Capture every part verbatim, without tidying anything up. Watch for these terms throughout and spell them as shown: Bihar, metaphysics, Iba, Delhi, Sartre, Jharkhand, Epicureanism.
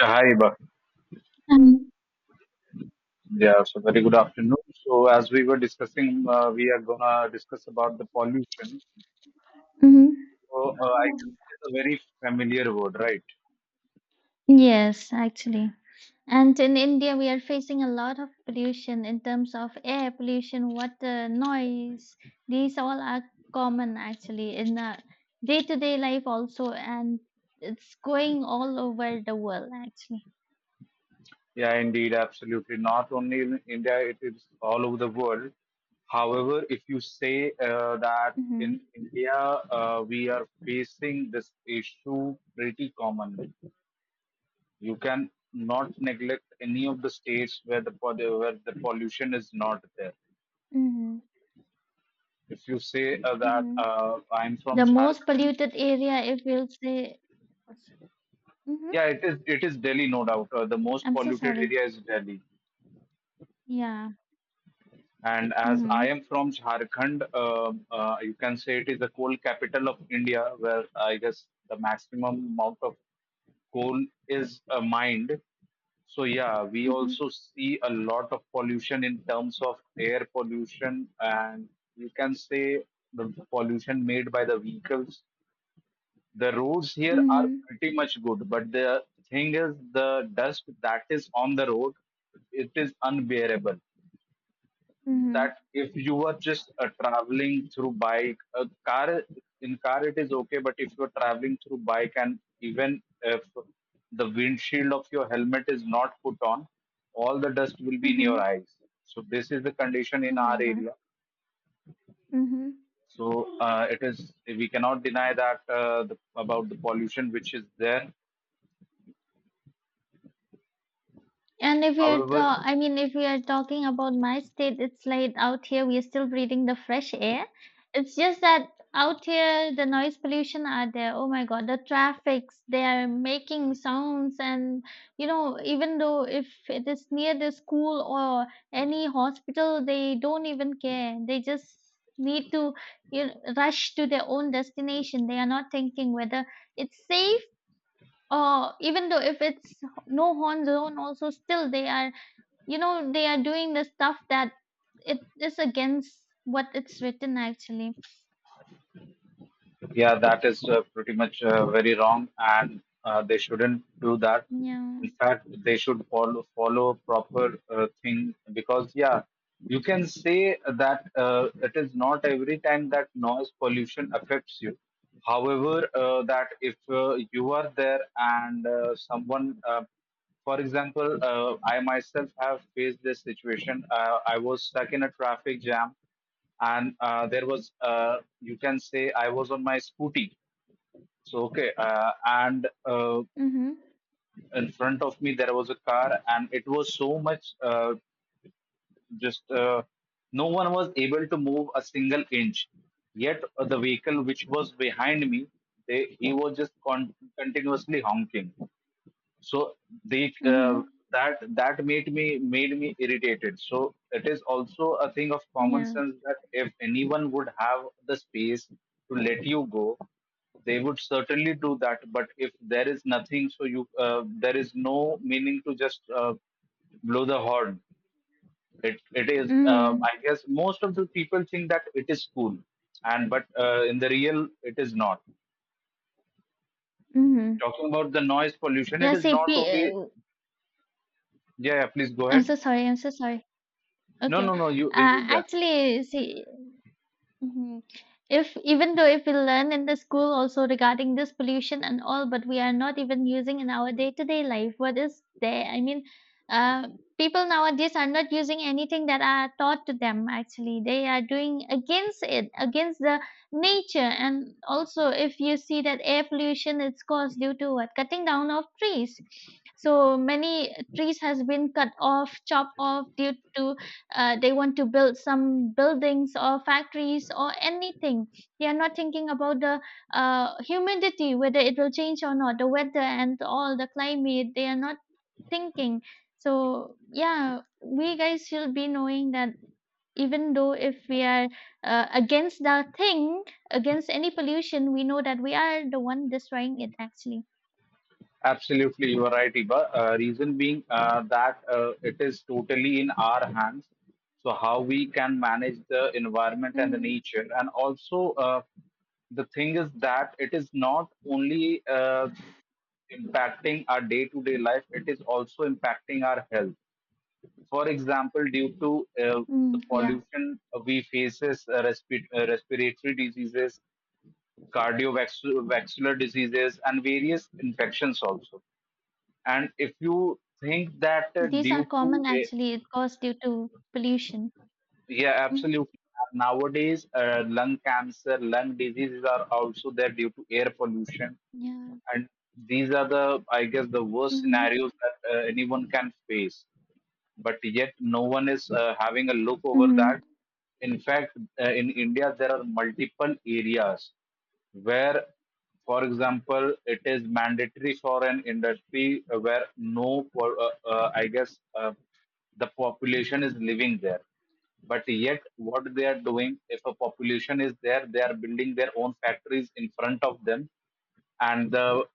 Yeah, hi, Iba. Um, Yeah, so very good afternoon. So as we were discussing, uh, we are gonna discuss about the pollution. mhm. So uh, I guess it's a very familiar word, right? Yes, actually. And in India, we are facing a lot of pollution in terms of air pollution, water, noise. These all are common actually in the day to day life also, and it's going all over the world actually. Yeah, indeed, absolutely. Not only in India, it is all over the world. However, if you say uh, that in Hmm. India, uh, we are facing this issue pretty common. You can not neglect any of the states where the pol- where the pollution is not there. Mm-hmm. If you say uh, that Mm-hmm. uh, I'm from The most Jharkhand, polluted area, if we'll say. Mm-hmm. yeah, it is it is Delhi, no doubt. Uh, the most I'm so polluted sorry. area is Delhi, Yeah. and as I Mm-hmm. am from Jharkhand, um uh, you can say it is the coal capital of India, where I guess the maximum amount of coal is uh, mined. So yeah, we Mm-hmm. also see a lot of pollution in terms of air pollution, and you can say the pollution made by the vehicles. The roads here are Mm-hmm. pretty much good, but the thing is, the dust that is on the road, it is unbearable. That Mm-hmm. if you are just uh, traveling through bike, a car. In car it is okay, but if you are traveling through bike and even if the windshield of your helmet is not put on, all the dust will be in your Mm-hmm. eyes. So this is the condition Oh in my our God. area. Mm-hmm. So uh, it is we cannot deny that uh, the, about the pollution which is there. And if we are However, ta- I mean, if we are talking about my state, it's like out here we are still breathing the fresh air. It's just that out here the noise pollution are there. Oh my God, the traffics, they are making sounds and you know, even though if it is near the school or any hospital, they don't even care. They just need to you know, rush to their own destination. They are not thinking whether it's safe uh even though if it's no horn zone also. Still they are, you know they are doing the stuff that it is against what it's written actually. yeah, that is uh, pretty much uh, very wrong, and uh, they shouldn't do that. Yeah. In fact, they should follow follow proper uh, thing because yeah, you can say that uh, it is not every time that noise pollution affects you. However, uh, that if uh, you are there and uh, someone, uh, for example, uh, I myself have faced this situation. Uh, I was stuck in a traffic jam, and uh, there was, uh, you can say I was on my scooty, so okay. uh, and uh, Mm-hmm. in front of me there was a car and it was so much, uh, just uh, no one was able to move a single inch, yet uh, the vehicle which was behind me, they he was just con- continuously honking. So they uh, Mm-hmm. that that made me made me irritated. So it is also a thing of common Yeah. sense that if anyone would have the space to let you go, they would certainly do that, but if there is nothing, so you uh, there is no meaning to just uh, blow the horn. It it is, um, Mm-hmm. I guess most of the people think that it is cool, and but uh, in the real it is not. Mm-hmm. Talking about the noise pollution, Yeah. it is See. not P- only. Uh, yeah. Yeah, please go I'm so ahead. sorry. I'm so sorry. No, Okay. no, no. You, uh you- yeah, Actually, see. Mhm. If even though if we learn in the school also regarding this pollution and all, but we are not even using in our day-to-day life, what is there? I mean, uh, people nowadays are not using anything that are taught to them actually. They are doing against it, against the nature. And also, if you see that air pollution, it's caused due to what? Cutting down of trees. So many trees has been cut off, chopped off due to, uh, they want to build some buildings or factories or anything. They are not thinking about the uh, humidity, whether it will change or not, the weather and all the climate, they are not thinking. So yeah, we guys should be knowing that even though if we are uh, against the thing, against any pollution, we know that we are the one destroying it actually. absolutely, you are right, Iba. Uh, reason being uh, that uh, it is totally in our hands. So how we can manage the environment and the Mm. nature, and also, uh, the thing is that it is not only uh, impacting our day-to-day life; it is also impacting our health. For example, due to uh, Mm. the Yeah. pollution, uh, we faces uh, respi- uh, respiratory diseases, cardiovascular diseases, and various infections also. And if you think that uh, These are due common to a, actually, it caused due to pollution. yeah, Hmm. absolutely. Nowadays, uh, lung cancer, lung diseases are also there due to air pollution, Yeah. and these are the, I guess, the worst Hmm. scenarios that uh, anyone can face. But yet, no one is uh, having a look over that. Mhm. In fact, uh, in India, there are multiple areas where, for example, it is mandatory for an industry uh, where no, po- uh, uh, I guess, uh, the population is living there. But yet, what they are doing, if a population is there, they are building their own factories in front of them, and the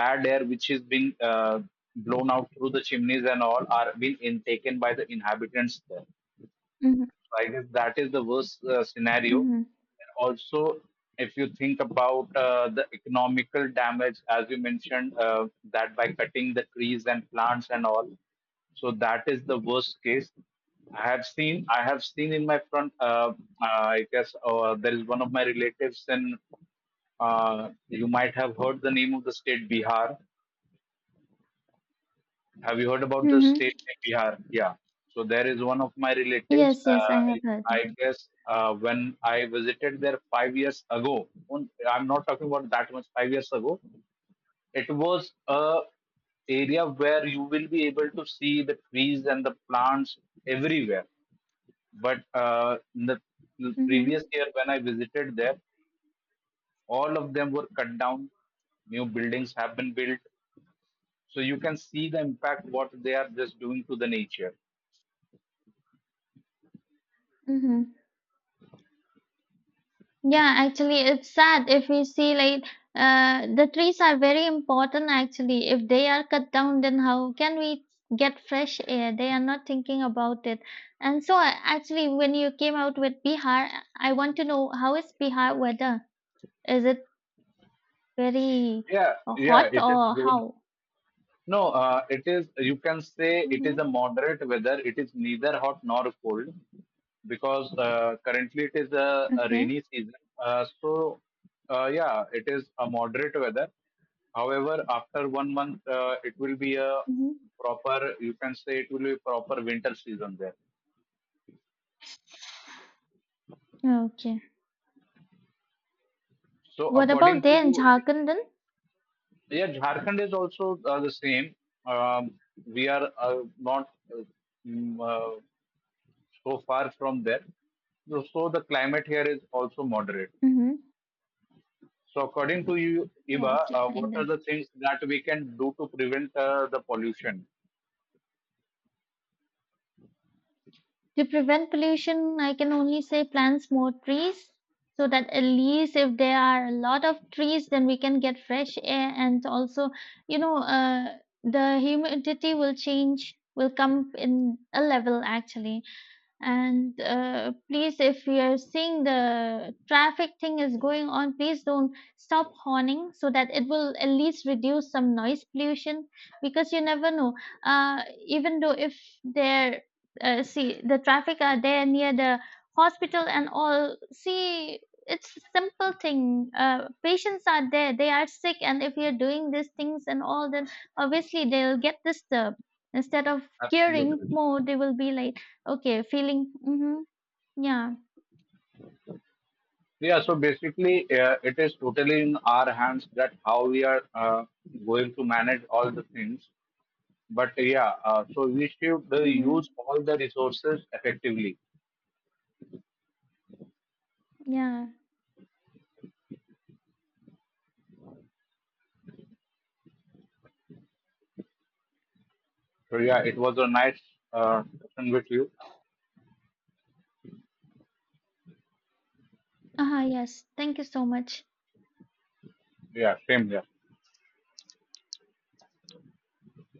bad air which is being uh, blown out through the chimneys and all are being intaken by the inhabitants there. Mhm. So I guess that is the worst uh, scenario. Mhm. And Also, if you think about uh, the economical damage, as you mentioned, uh, that by cutting the trees and plants and all, so that is the worst case. I have seen, I have seen in my front. Uh, uh, I guess uh, there is one of my relatives in. Uh, you might have heard the name of the state Bihar. Have you heard about the state Mhm. in Bihar? Yeah. So there is one of my relatives. Yes, yes, I Uh, have heard it. I guess uh, when I visited there five years ago, on- I'm not talking about that much. Five years ago, it was a area where you will be able to see the trees and the plants everywhere. But uh, in the Mm-hmm. previous year when I visited there, all of them were cut down. New buildings have been built, so you can see the impact what they are just doing to the nature. Mm-hmm. Yeah, actually, it's sad if we see like, uh, the trees are very important actually. If they are cut down, then how can we get fresh air? They are not thinking about it. And so, uh, actually, when you came out with Bihar, I want to know, how is Bihar weather? Is it very Yeah, uh, yeah, hot it is or good. how? No, uh, it is, you can say it Mm-hmm. is a moderate weather. It is neither hot nor cold because uh, currently it is a, a Okay. rainy season. Uh, so, uh, yeah, it is a moderate weather. However, after one month, uh, it will be a Mm-hmm. proper, you can say it will be proper winter season there. Okay. So, What about according to there in you, Jharkhand then? yeah, Jharkhand is also uh, the same. Um, we are uh, not uh, mm, uh, so far from there. So so the climate here is also moderate. Mm-hmm. So according to you, Oh, Iba, okay, uh, fine what are then. the things that we can do to prevent uh, the pollution? To prevent pollution, I can only say plants more trees, so that at least if there are a lot of trees, then we can get fresh air. And also, you know, uh, the humidity will change, will come in a level actually. And uh, please, if you're seeing the traffic thing is going on, please don't stop horning so that it will at least reduce some noise pollution. Because you never know, uh, even though if there, uh, see, the traffic are there near the hospital and all, see, it's simple thing, uh, patients are there, they are sick, and if you're doing these things and all, then obviously they'll get disturbed. Instead of caring Absolutely. more, they will be like, okay, feeling mhm, yeah, Yeah, so basically, uh, it is totally in our hands that how we are uh, going to manage all the things. But yeah, uh, so we should uh, mhm, use all the resources effectively. yeah. So yeah, it was a nice uh, session with you. Uh-huh, yes. Thank you so much. Yeah, same here.